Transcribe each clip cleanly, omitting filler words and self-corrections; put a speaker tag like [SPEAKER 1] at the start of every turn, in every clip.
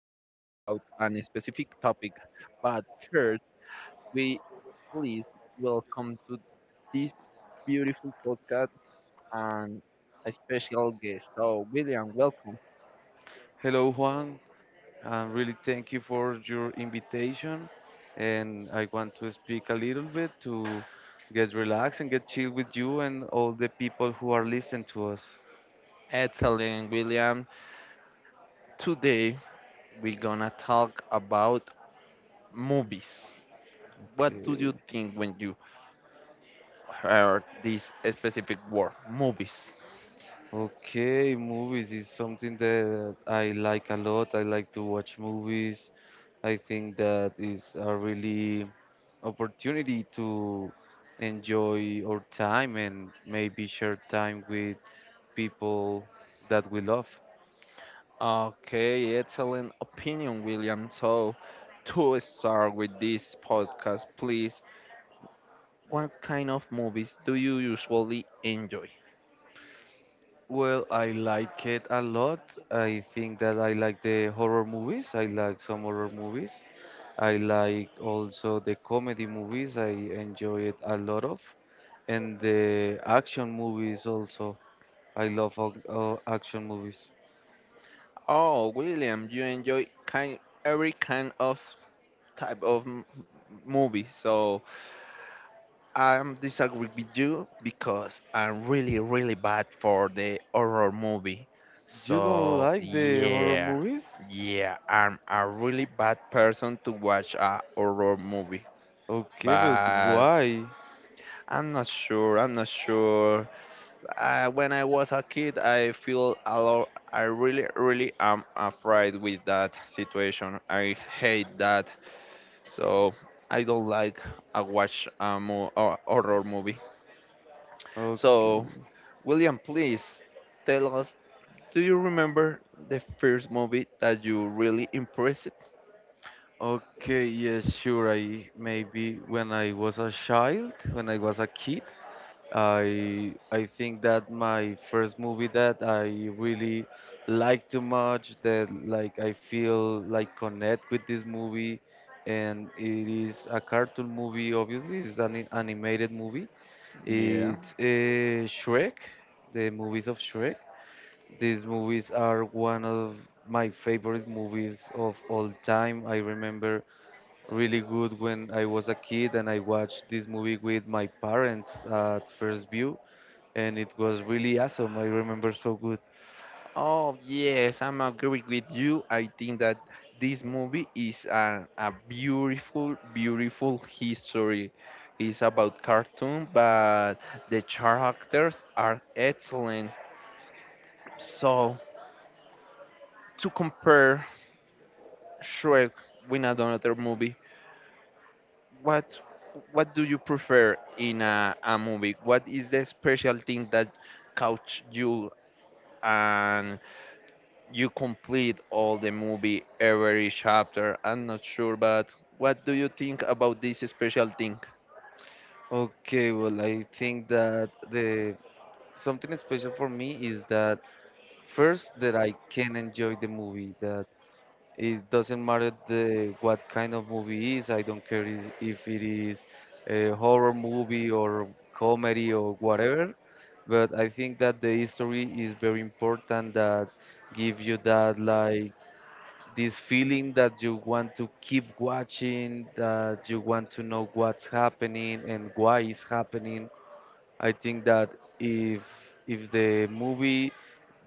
[SPEAKER 1] talk about an specific topic, but first, we please welcome to this beautiful podcast and a special guest. So, William, welcome.
[SPEAKER 2] Hello, Juan. I really thank you for your invitation, and I want to speak a little bit to get relaxed and get chill with you and all the people who are listening to us.
[SPEAKER 1] Excellent, William. Today, we're gonna talk about movies. What do
[SPEAKER 2] Okay.
[SPEAKER 1] you think when you heard this specific word, movies?
[SPEAKER 2] Okay, movies is something that I like a lot. I like to watch movies. I think that is a really opportunity to enjoy our time and maybe share time with people that we love.
[SPEAKER 1] Okay, excellent opinion, William. So, to start with this podcast, please, what kind of movies do you usually enjoy?
[SPEAKER 2] Well, I like it a lot. I think that I like the horror movies. I like some horror movies. I like also the comedy movies. I enjoy it a lot of. And the action movies also. I love action movies.
[SPEAKER 1] Oh, William, you enjoy kind every kind of type of movie. So, I'm disagree with you because I'm really, really bad for the horror movie.
[SPEAKER 2] You don't
[SPEAKER 1] So,
[SPEAKER 2] like the horror
[SPEAKER 1] yeah,
[SPEAKER 2] movies?
[SPEAKER 1] yeah, I'm a really bad person to watch a horror movie.
[SPEAKER 2] Okay, but
[SPEAKER 1] But
[SPEAKER 2] why?
[SPEAKER 1] I'm not sure. I'm not sure. When I was a kid, I feel a lot. I really, really am afraid with that situation. I hate that. So I don't like I watch a mo- or horror movie.
[SPEAKER 2] Okay.
[SPEAKER 1] So William, please tell us. Do you remember the first movie that you really impressed?
[SPEAKER 2] Okay, yes, sure. I maybe when I was a child, when I was a kid, I think that my first movie that I really liked too much that like I feel like connect with this movie, and it is a cartoon movie. Obviously it's an animated movie.
[SPEAKER 1] Yeah.
[SPEAKER 2] It's a Shrek, the movies of Shrek. These movies are one of my favorite movies of all time. I remember really good when I was a kid and I watched this movie with my parents at first view, and it was really awesome. I remember so good.
[SPEAKER 1] Oh yes, I'm agree with you. I think that this movie is a beautiful, beautiful history. It's about cartoon, but the characters are excellent. So to compare Shrek with another movie, what what do you prefer in a movie? What is the special thing that catch you you complete all the movie every chapter. I'm not sure, but what do you think about this special thing?
[SPEAKER 2] Okay, well, I think that the something special for me is that first that I can enjoy the movie, that it doesn't matter the what kind of movie is. I don't care if it is a horror movie or comedy or whatever. But I think that the history is very important, that give you that like this feeling that you want to keep watching, that you want to know what's happening and why it's happening. I think that if if the movie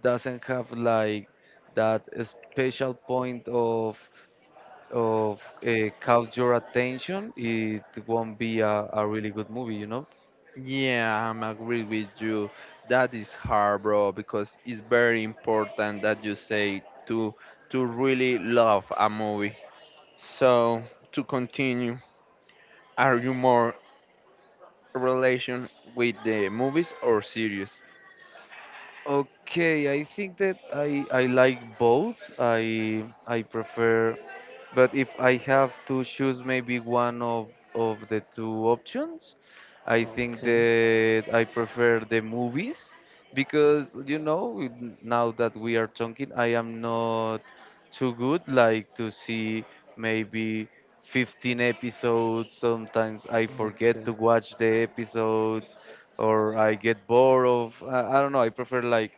[SPEAKER 2] doesn't have like that special point of caught your attention, it won't be a really good movie, you know?
[SPEAKER 1] Yeah, I'm agree with you. That is hard, bro, because it's very important that you say to really love a movie. So to continue, are you more relation with the movies or series?
[SPEAKER 2] Okay, I think that I like both. I prefer, but if I have to choose maybe one of the two options, I think
[SPEAKER 1] Okay,
[SPEAKER 2] that I prefer the movies because you know now that we are talking, I am not too good like to see maybe 15 episodes. Sometimes I forget
[SPEAKER 1] okay.
[SPEAKER 2] to watch the episodes or I get bored of I don't know. I prefer like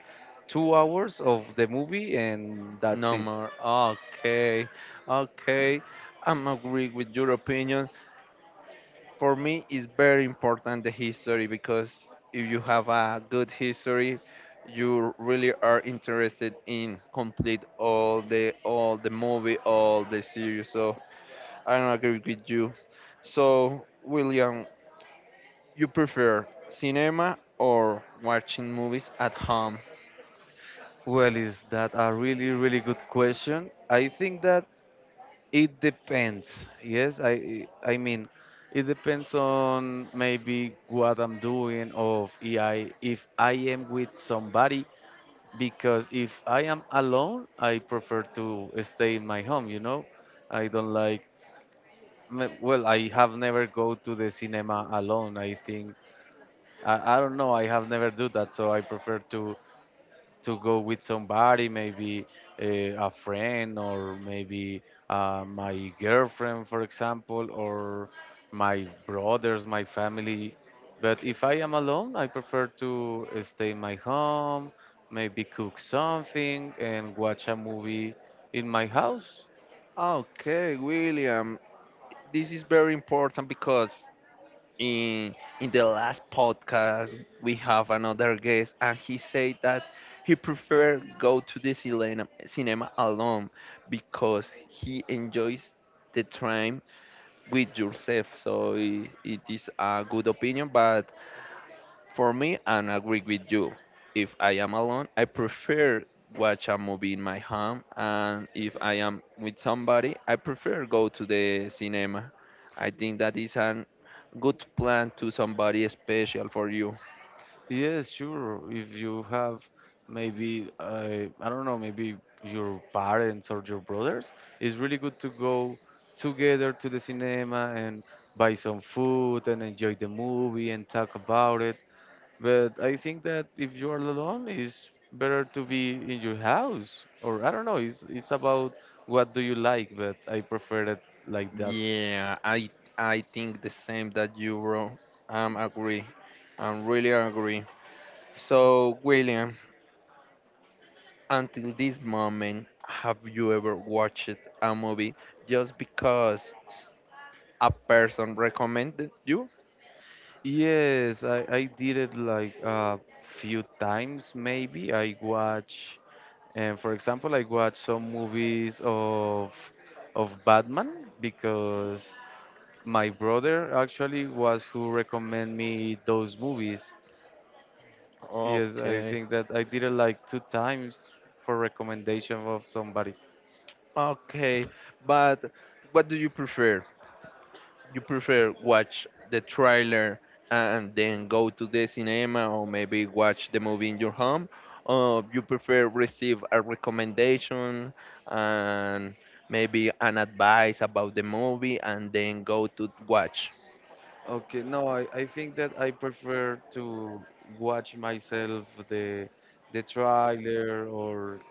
[SPEAKER 2] 2 hours of the movie and that's
[SPEAKER 1] No
[SPEAKER 2] it.
[SPEAKER 1] more. Okay, okay. I'm agree with your opinion. For me it's very important the history, because if you have a good history you really are interested in complete all the movie all the series. So I don't agree with you. So William, you prefer cinema or watching movies at home?
[SPEAKER 2] Well, is that a really good question? I think that it depends. Yes, I mean it depends on maybe what I'm doing of if I am with somebody because if I am alone, I prefer to stay in my home, you know. I don't like Well, I have never go to the cinema alone. I think I don't know. I have never do that, so I prefer to go with somebody, maybe a friend or maybe my girlfriend, for example, or my brothers, my family. But if I am alone, I prefer to stay in my home, maybe cook something and watch a movie in my house.
[SPEAKER 1] Okay William, this is very important because in the last podcast we have another guest and he said that he prefer go to the cinema, cinema alone because he enjoys the time with yourself. So it is a good opinion, but for me, I agree with you. If I am alone, I prefer watch a movie in my home, and if I am with somebody, I prefer go to the cinema. I think that is a good plan to somebody special for you.
[SPEAKER 2] Yes, sure. If you have maybe, I don't know, maybe your parents or your brothers, it's really good to go together to the cinema and buy some food and enjoy the movie and talk about it. But I think that if you are alone, it's better to be in your house. Or I don't know, it's about what do you like, but I prefer it like that.
[SPEAKER 1] Yeah, I think the same that you, bro. I'm agree. I'm really agree. So, William, until this moment, have you ever watched a movie just because a person recommended you?
[SPEAKER 2] Yes, I did it like a few times maybe. I watch. And for example, I watch some movies of Batman because my brother actually was who recommended me those movies. Yes, I
[SPEAKER 1] Okay.
[SPEAKER 2] think that I did it like two times for recommendation of somebody.
[SPEAKER 1] Okay. But what do you prefer? You prefer watch the trailer and then go to the cinema, or maybe watch the movie in your home? Or you prefer receive a recommendation and maybe an advice about the movie and then go to watch?
[SPEAKER 2] Okay, no, I think that I prefer to watch myself the trailer or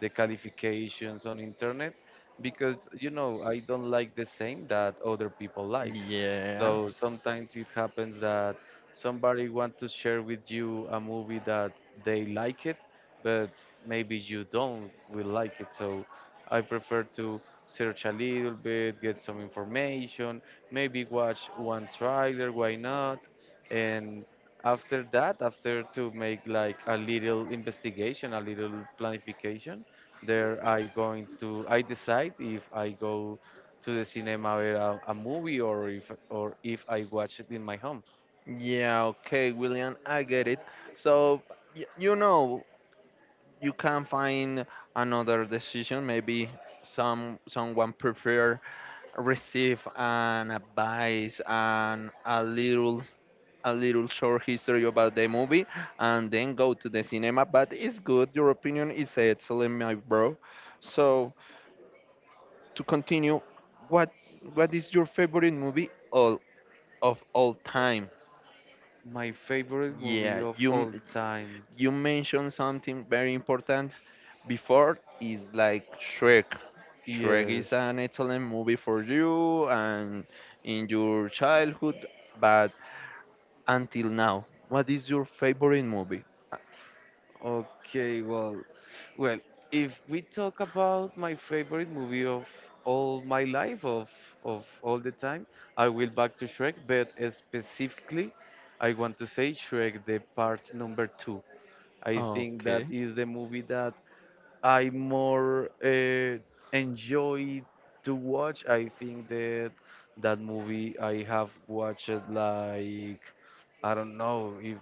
[SPEAKER 2] the qualifications on internet because you know I don't like the same that other people likes.
[SPEAKER 1] Yeah.
[SPEAKER 2] So sometimes it happens that somebody want to share with you a movie that they like it, but maybe you don't will like it. So I prefer to search a little bit, get some information, maybe watch one trailer, why not? And after that, after to make like a little investigation, a little planification, there I going to I decide if I go to the cinema ver a movie or if I watch it in my home.
[SPEAKER 1] Yeah, okay, William, I get it. So, you know, you can find another decision. Maybe someone prefer receive an advice and a little short history about the movie and then go to the cinema. But it's good. Your opinion is excellent, my bro. So to continue, what what is your favorite movie all of all time?
[SPEAKER 2] My favorite movie
[SPEAKER 1] Yeah,
[SPEAKER 2] of
[SPEAKER 1] you.
[SPEAKER 2] all times.
[SPEAKER 1] You mentioned something very important before is like Shrek. Shrek is
[SPEAKER 2] Yes,
[SPEAKER 1] an excellent movie for you and in your childhood, but until now, what is your favorite movie?
[SPEAKER 2] okay, well, well, if we talk about my favorite movie of all my life, of all the time, I will back to Shrek, but specifically, I want to say Shrek the part number two. I think that
[SPEAKER 1] Okay.
[SPEAKER 2] is the movie that I more enjoy to watch. I think that that movie I have watched like I don't know if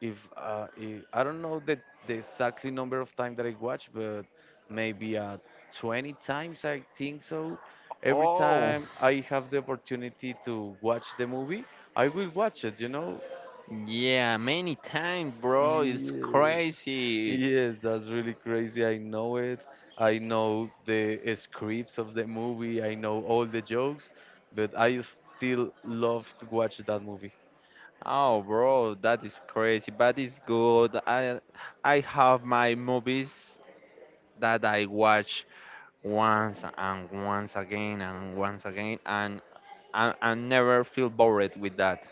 [SPEAKER 2] if I don't know the exactly number of time that I watch, but maybe 20 times, I think so. Every
[SPEAKER 1] Oh,
[SPEAKER 2] time I have the opportunity to watch the movie, I will watch it, you know?
[SPEAKER 1] yeah, many times, bro. It's
[SPEAKER 2] Yes,
[SPEAKER 1] crazy.
[SPEAKER 2] yes, that's really crazy. I know it. I know the scripts of the movie, I know all the jokes, but I still love to watch that movie.
[SPEAKER 1] Oh, bro, that is crazy, but it's good. I have my movies that I watch once and once again and once again, and I never feel bored with that.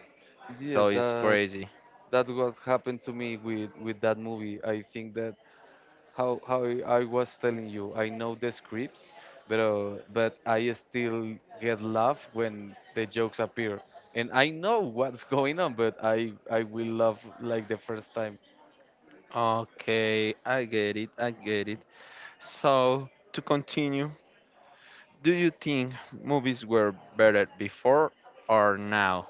[SPEAKER 2] Yes,
[SPEAKER 1] So it's crazy.
[SPEAKER 2] that's what happened to me with that movie. I think that how I was telling you, I know the scripts, but I still get laugh when the jokes appear, and I know what's going on, but I will laugh like the first time.
[SPEAKER 1] Okay, I get it. I get it. So to continue, do you think movies were better before or now?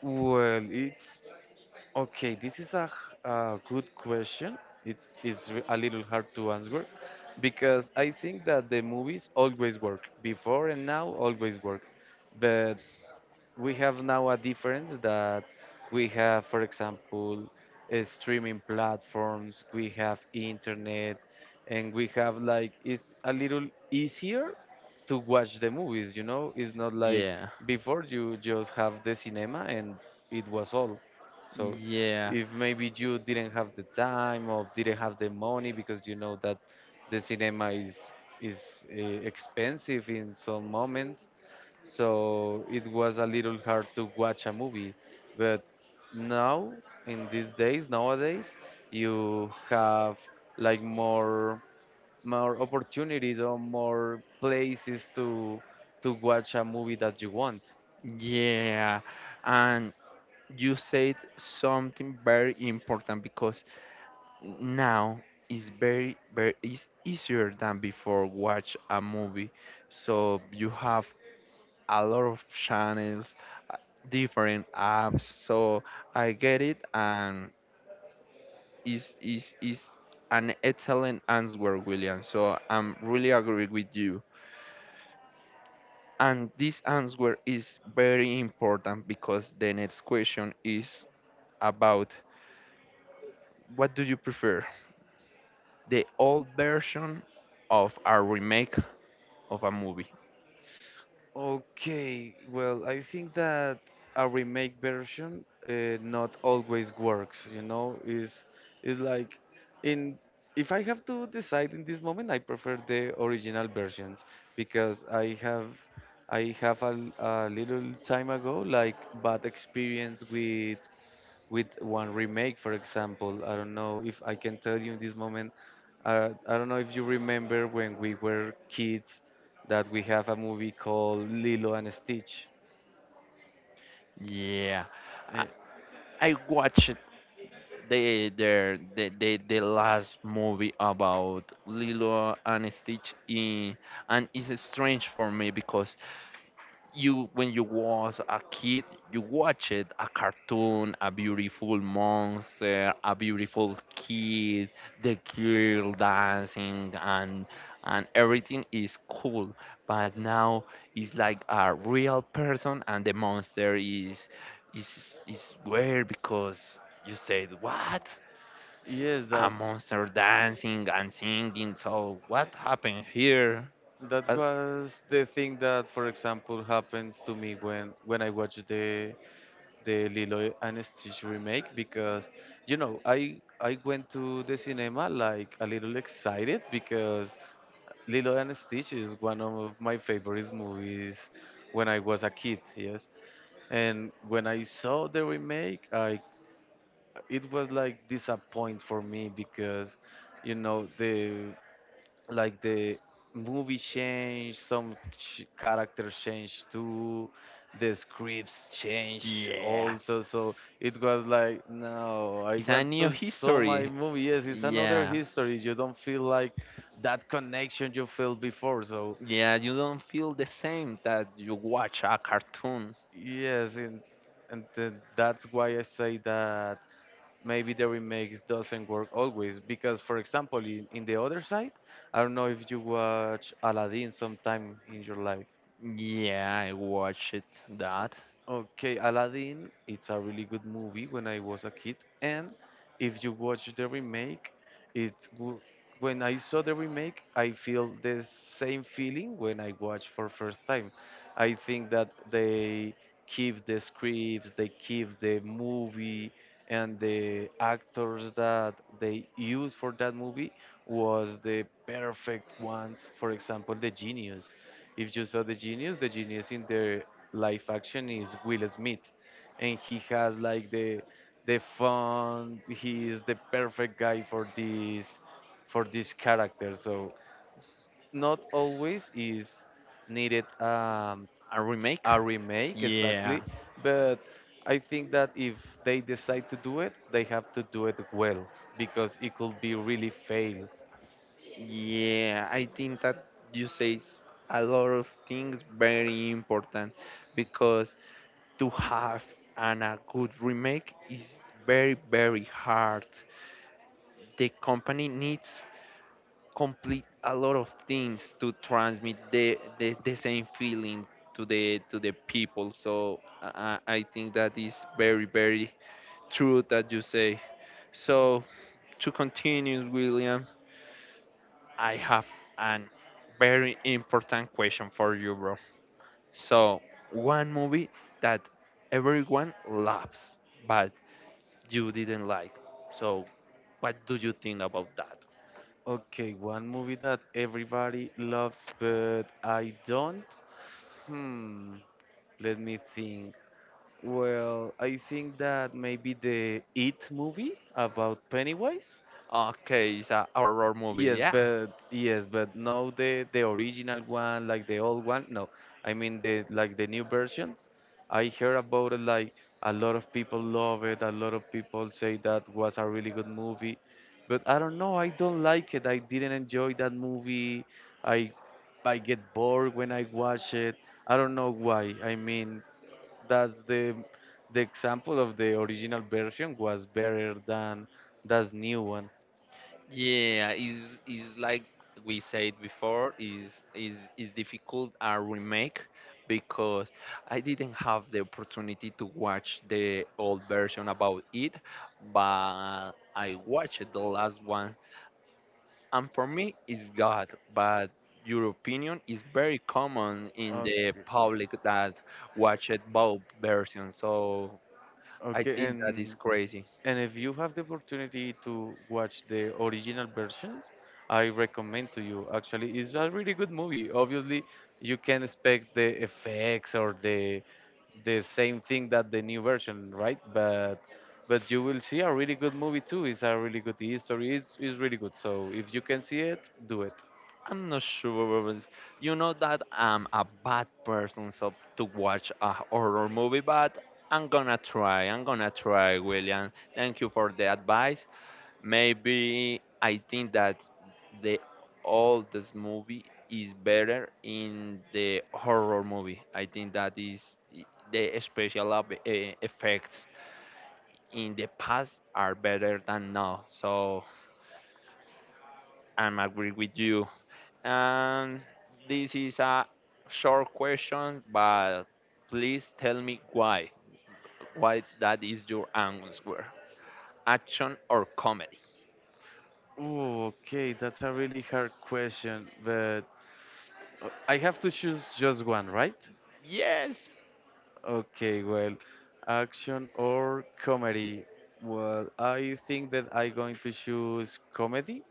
[SPEAKER 2] Well, it's okay. This is a, a good question. It's a little hard to answer because I think that the movies always work before and now always work, but we have now a difference that we have, for example, streaming platforms, we have internet, and we have like it's a little easier to watch the movies, you know? It's not like
[SPEAKER 1] Yeah,
[SPEAKER 2] before you just have the cinema and it was all. So
[SPEAKER 1] yeah,
[SPEAKER 2] if maybe you didn't have the time or didn't have the money because you know that the cinema is uh, expensive in some moments, so it was a little hard to watch a movie, but now in these days, nowadays, you have like more opportunities or more places to watch a movie that you want.
[SPEAKER 1] yeah. And you said something very important because now it's very very it's easier than before watch a movie. So you have a lot of channels, uh, different apps. So I get it. And is is an excellent answer William, so I'm really agree with you. And this answer is very important because the next question is about what do you prefer, the old version of a remake of a movie?
[SPEAKER 2] Okay, well, I think that a remake version not always works, you know, is like in if I have to decide in this moment, I prefer the original versions because I have a, a little time ago like bad experience with one remake, for example. I don't know if I can tell you in this moment. I don't know if you remember when we were kids that we have a movie called Lilo and Stitch.
[SPEAKER 1] Yeah, I,
[SPEAKER 2] Eh,
[SPEAKER 1] I watched the their the, the last movie about Lilo and Stitch in, and it's strange for me because you when you was a kid you watched a cartoon, a beautiful monster, a beautiful kid, the girl dancing, and everything is cool. But now it's like a real person, and the monster is is weird because you said what,
[SPEAKER 2] yes,
[SPEAKER 1] a
[SPEAKER 2] that
[SPEAKER 1] monster dancing and singing, so what happened here? Uh,
[SPEAKER 2] was the thing that, for example, happens to me when I watch the Lilo and Stitch remake because you know I went to the cinema like a little excited because Lilo and Stitch is one of my favorite movies when I was a kid, yes. And when I saw the remake, I it was like disappoint for me because you know the like the movie change, some characters change too, the scripts change
[SPEAKER 1] yeah.
[SPEAKER 2] also. So it was like, no, I
[SPEAKER 1] It's a
[SPEAKER 2] want
[SPEAKER 1] new
[SPEAKER 2] to saw my
[SPEAKER 1] history.
[SPEAKER 2] movie. Yes, it's another
[SPEAKER 1] Yeah.
[SPEAKER 2] history. You don't feel like that connection you felt before. So
[SPEAKER 1] Yeah, you don't feel the same that you watch a cartoon.
[SPEAKER 2] yes, and then that's why I say that maybe the remakes doesn't work always because for example in the other side, I don't know if you watch Aladdin sometime in your life.
[SPEAKER 1] Yeah, I watched it, that.
[SPEAKER 2] Okay, Aladdin, it's a really good movie when I was a kid. And if you watch the remake, it wo- when I saw the remake, I feel the same feeling when I watched for first time. I think that they keep the scripts, they keep the movie, and the actors that they used for that movie was the perfect ones. For example, the genius. If you saw the genius in the live action is Will Smith, and he has like the fun. He is the perfect guy for this character. So not always is needed
[SPEAKER 1] A remake?
[SPEAKER 2] a remake
[SPEAKER 1] Yeah.
[SPEAKER 2] exactly, but I think that if they decide to do it, they have to do it well because it could be really fail.
[SPEAKER 1] Yeah, I think that you say a lot of things very important because to have a good remake is very very hard. The company needs complete a lot of things to transmit the, the same feeling to the people. So I, I think that is very very true that you say. So to continue William, I have an very important question for you bro. So one movie that everyone loves but you didn't like, so what do you think about that?
[SPEAKER 2] Okay, one movie that everybody loves but I don't. Hmm, let me think. Well, I think that maybe the It movie about Pennywise.
[SPEAKER 1] Okay, it's a horror movie, yeah.
[SPEAKER 2] Yes, but no the original one, like the old one. No, I mean the like the new versions. I heard about it like a lot of people love it. A lot of people say that was a really good movie, but I don't know. I don't like it. I didn't enjoy that movie. I I get bored when I watch it. I don't know why. I mean, that's the example of the original version was better than that new one.
[SPEAKER 1] Yeah, is like we said before, is is difficult a remake because I didn't have the opportunity to watch the old version about it, but I watched the last one, and for me, it's God. But your opinion is very common in
[SPEAKER 2] Okay,
[SPEAKER 1] the public that watched both versions, so I
[SPEAKER 2] okay,
[SPEAKER 1] think that is
[SPEAKER 2] and
[SPEAKER 1] crazy.
[SPEAKER 2] and if you have the opportunity to watch the original versions, I recommend to you. Actually, it's a really good movie. Obviously, you can expect the effects or the same thing that the new version, right? But you will see a really good movie too. It's a really good history. It's really good. So if you can see it, do it.
[SPEAKER 1] I'm not sure. But you know that I'm a bad person so to watch a horror movie, but I'm gonna try. I'm gonna try, William. Thank you for the advice. Maybe I think that the oldest movie is better in the horror movie. I think that is the special effects in the past are better than now. So I'm agree with you. And this is a short question, but please tell me why. Why that is your answer? Action or comedy?
[SPEAKER 2] Oh, okay, that's a really hard question, but I have to choose just one, right?
[SPEAKER 1] Yes.
[SPEAKER 2] Okay, well, action or comedy? Well, I think that I'm going to choose comedy.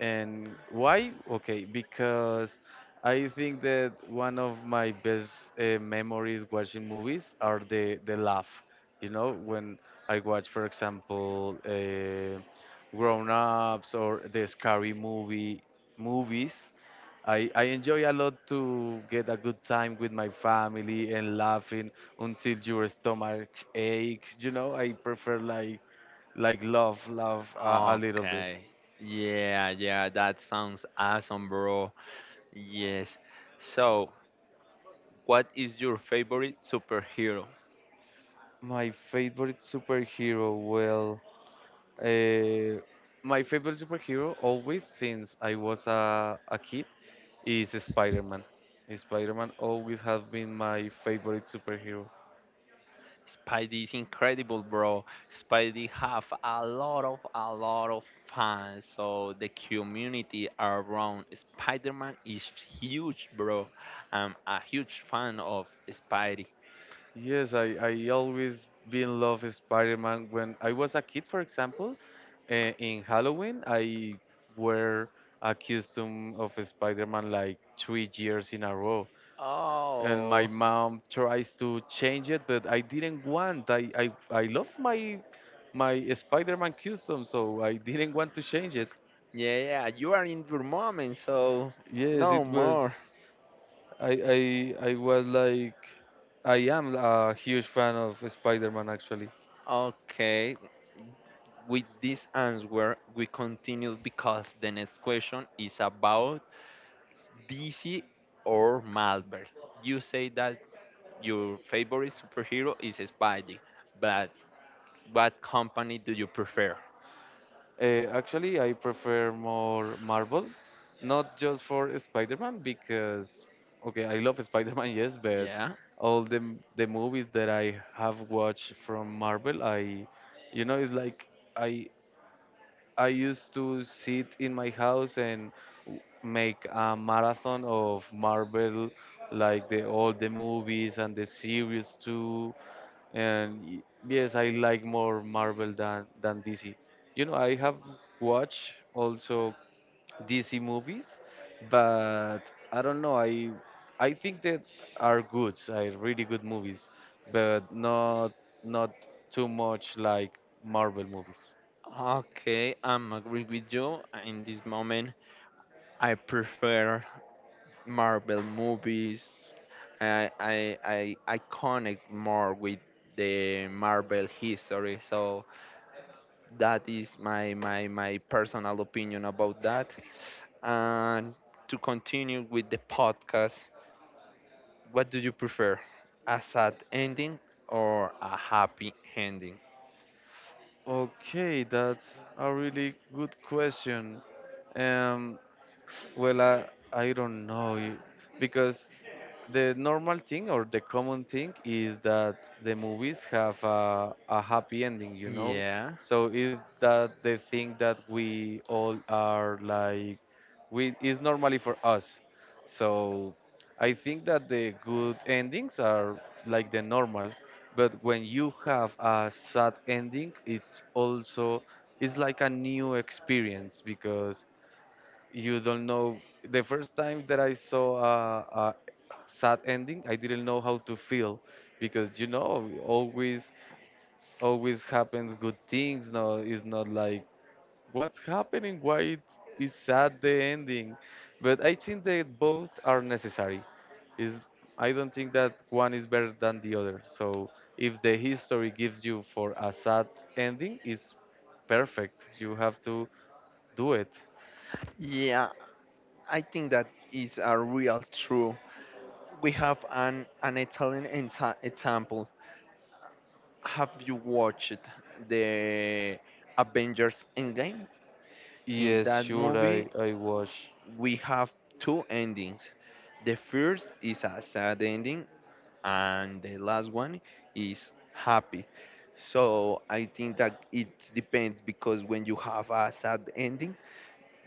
[SPEAKER 2] And why? Okay, because I think that one of my best memories watching movies are the laugh. You know, when I watch, for example, Grown Ups or the scary movie movies. I enjoy a lot to get a good time with my family and laughing until your stomach aches. You know, I prefer like love, love a little bit.
[SPEAKER 1] Okay. Yeah, yeah, that sounds awesome, bro. Yes. So, what is your favorite superhero?
[SPEAKER 2] My favorite superhero, well, uh, my favorite superhero always since I was a kid is Spider-Man. Spider-Man always has been my favorite superhero.
[SPEAKER 1] Spidey is incredible, bro. Spidey have a lot of fans, so the community around Spider-Man is huge, bro. I'm a huge fan of Spidey.
[SPEAKER 2] Yes, I always been love Spider-Man. When I was a kid, for example, uh, in Halloween, I wear a costume of Spider-Man like 3 years in a row. And my
[SPEAKER 1] Oh,
[SPEAKER 2] mom tries to change it but I didn't want I love my my Spider-Man custom so I didn't want to change it.
[SPEAKER 1] yeah, yeah, you are in your moment, so
[SPEAKER 2] Yes,
[SPEAKER 1] no
[SPEAKER 2] it
[SPEAKER 1] more.
[SPEAKER 2] was i I was like I am a huge fan of Spider-Man actually.
[SPEAKER 1] Okay, with this answer, we continue because the next question is about DC or Marvel. You say that your favorite superhero is Spidey, but what company do you prefer?
[SPEAKER 2] Actually, I prefer more Marvel, not just for Spider-Man because okay, I love Spider-Man, yes, but
[SPEAKER 1] Yeah.
[SPEAKER 2] all the movies that I have watched from Marvel, I you know, it's like I used to sit in my house and make a marathon of Marvel, like the all the movies and the series too. And yes I like more Marvel than DC. You know, I have watched also DC movies, but I don't know, I think that are good, are really good movies, but not not too much like Marvel movies.
[SPEAKER 1] Okay, I'm agree with you. In this moment, I prefer Marvel movies. I I connect more with the Marvel history, so that is my my personal opinion about that. And to continue with the podcast, what do you prefer, a sad ending or a happy ending?
[SPEAKER 2] Okay, that's a really good question. Um well I don't know because the normal thing or the common thing is that the movies have a happy ending, you know?
[SPEAKER 1] Yeah.
[SPEAKER 2] So is that the thing that we all are like, we is normally for us. So I think that the good endings are like the normal, but when you have a sad ending, it's also it's like a new experience because you don't know. The first time that I saw a sad ending, I didn't know how to feel because you know always always happens good things. No, it's not like what's happening, why it is sad the ending. But I think that both are necessary. Is I don't think that one is better than the other. So if the history gives you for a sad ending, it's perfect, you have to do it.
[SPEAKER 1] Yeah, I think that is a real true. We have an example. Have you watched the Avengers Endgame? In
[SPEAKER 2] Yes,
[SPEAKER 1] that
[SPEAKER 2] sure,
[SPEAKER 1] movie
[SPEAKER 2] I watch.
[SPEAKER 1] we have two endings. The first is a sad ending, and the last one is happy. So I think that it depends, because when you have a sad ending,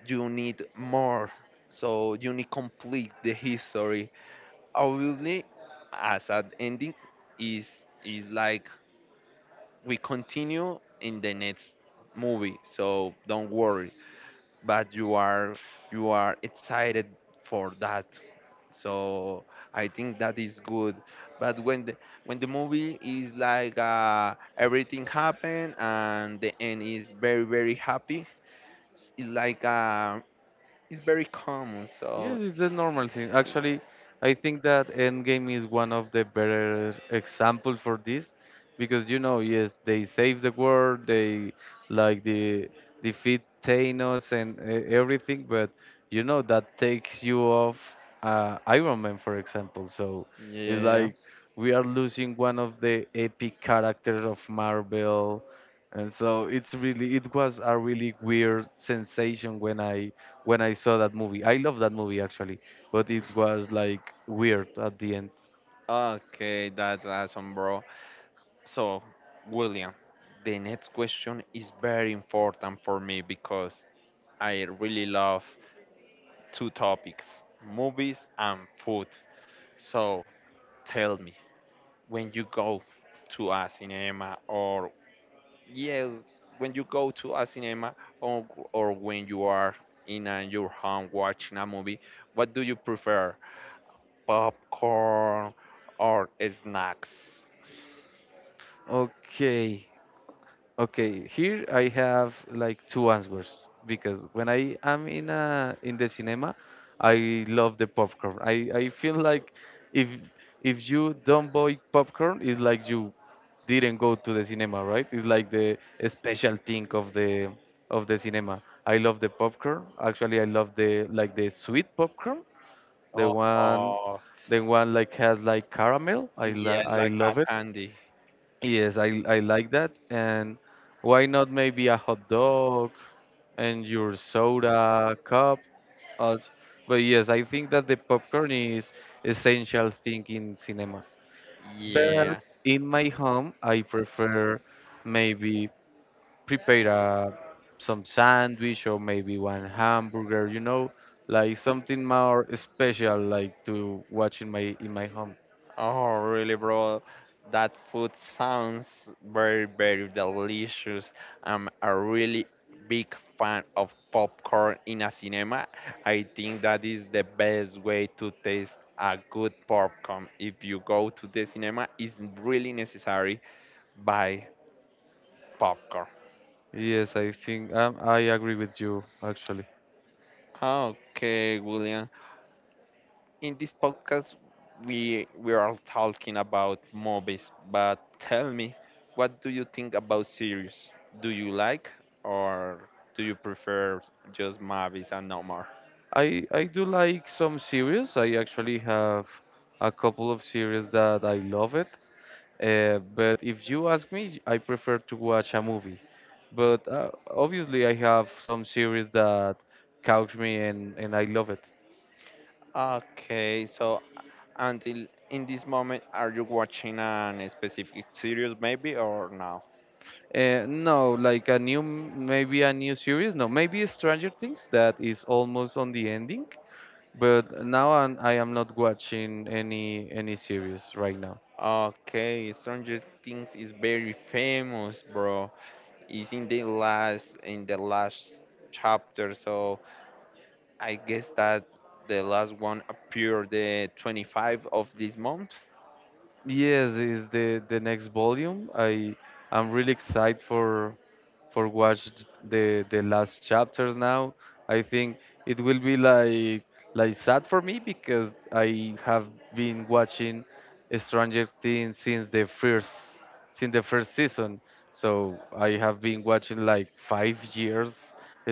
[SPEAKER 1] you need more. So you need complete the history. Obviously, a sad ending is like we continue in the next movie. So don't worry, but you are excited for that. So I think that is good. But when the movie is like everything happened and the end is very very happy, it's like it's very common. So
[SPEAKER 2] Yes, it's the normal thing. Actually, I think that Endgame is one of the better example for this because you know, yes, they save the world, they like the defeat Thanos and everything, but you know that takes you off Iron Man, for example. So it's
[SPEAKER 1] yeah.
[SPEAKER 2] like we are losing one of the epic characters of Marvel. And so it's really, it was a really weird sensation when I saw that movie. I love that movie actually, but it was like weird at the end.
[SPEAKER 1] Okay, that's awesome bro. So William, the next question is very important for me because I really love two topics, movies and food. So tell me, when you go to a cinema, or yes, when you go to a cinema, or or when you are in your home watching a movie, what do you prefer, popcorn or snacks?
[SPEAKER 2] Okay. Okay, here I have like two answers because when I am in a in the cinema, I love the popcorn. I feel like if if you don't buy popcorn, it's like you didn't go to the cinema, right? It's like the special thing of the cinema. I love the popcorn. Actually, I love the like the sweet popcorn, the one
[SPEAKER 1] Oh,
[SPEAKER 2] the one like has like caramel.
[SPEAKER 1] yeah,
[SPEAKER 2] I
[SPEAKER 1] like a
[SPEAKER 2] love it.
[SPEAKER 1] candy.
[SPEAKER 2] Yes, I like that. And why not maybe a hot dog and your soda cup? Also. But yes, I think that the popcorn is essential thing in cinema. But
[SPEAKER 1] Yeah.
[SPEAKER 2] in my home, I prefer maybe prepare a, some sandwich or maybe one hamburger, you know, like something more special like to watch in my home.
[SPEAKER 1] Oh, really, bro? That food sounds very, very delicious. I'm a really big fan of popcorn in a cinema. I think that is the best way to taste a good popcorn. If you go to the cinema, it's really necessary buy popcorn.
[SPEAKER 2] Yes, I think I agree with you actually.
[SPEAKER 1] Okay, William. In this podcast we are talking about movies, but tell me, what do you think about series? Do you like, or do you prefer just movies and no more?
[SPEAKER 2] I do like some series. I actually have a couple of series that I love it. But if you ask me, I prefer to watch a movie. But obviously, I have some series that catch me and I love it.
[SPEAKER 1] Okay, so until in this moment are you watching an specific series maybe or no?
[SPEAKER 2] No, like a new maybe a new series. No, maybe Stranger Things that is almost on the ending. But now I am not watching any series right now.
[SPEAKER 1] Okay, Stranger Things is very famous, bro. It's in the last chapter. So I guess that the last one appeared the 25th of this month.
[SPEAKER 2] Yes, it's the next volume. I'm really excited for watch the last chapters now. I think it will be like sad for me because I have been watching Stranger Things since the first season. So I have been watching like 5 years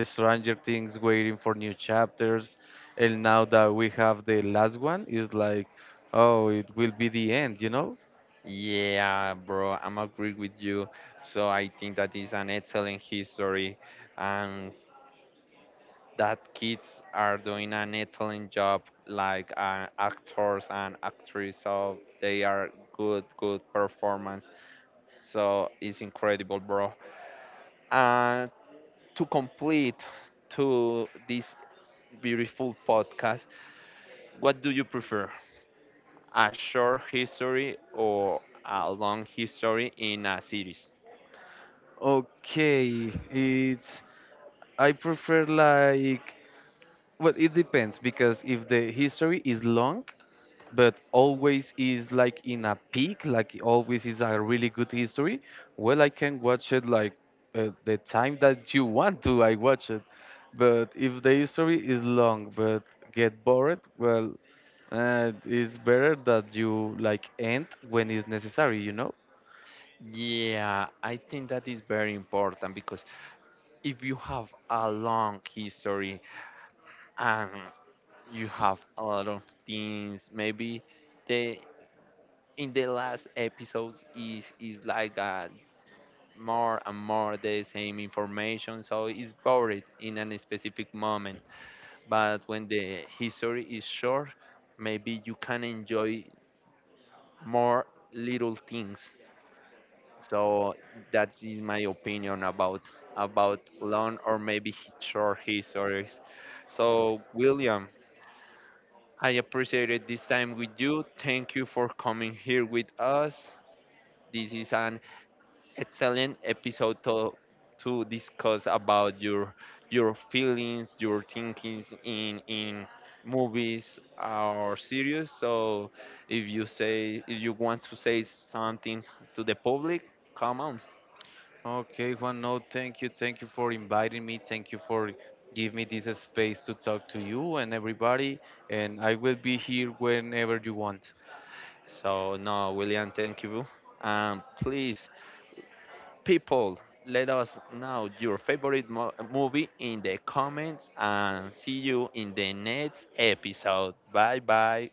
[SPEAKER 2] Stranger Things, waiting for new chapters, and now that we have the last one, is like, oh, it will be the end, you know?
[SPEAKER 1] Yeah, bro, I'm agree with you. So I think that is an excellent history, and that kids are doing an excellent job, like actors and actresses. So they are good, good performance. So it's incredible, bro. And to complete to this beautiful podcast, what do you prefer? A short history or a long history in a series.
[SPEAKER 2] Okay, it's. I prefer like. Well, it depends because if the history is long, but always is like in a peak, like always is a really good history, well, I can watch it like the time that you want to, I watch it. But if the history is long but get bored, well, it's better that you like end when it's necessary, you know?
[SPEAKER 1] Yeah, I think that is very important because if you have a long history and you have a lot of things, maybe the in the last episodes is like a more and more the same information, so it's boring in a specific moment. But when the history is short, maybe you can enjoy more little things. So that is my opinion about long or maybe short histories. So William, I appreciated this time with you. Thank you for coming here with us. This is an excellent episode to discuss about your feelings, your thinkings in movies or series. So if you say if you want to say something to the public, come on.
[SPEAKER 2] Okay, Juan, no, thank you. Thank you for inviting me. Thank you for giving me this space to talk to you and everybody. And I will be here whenever you want.
[SPEAKER 1] So no, William, thank you. And please, people, let us know your favorite movie in the comments and see you in the next episode. Bye bye.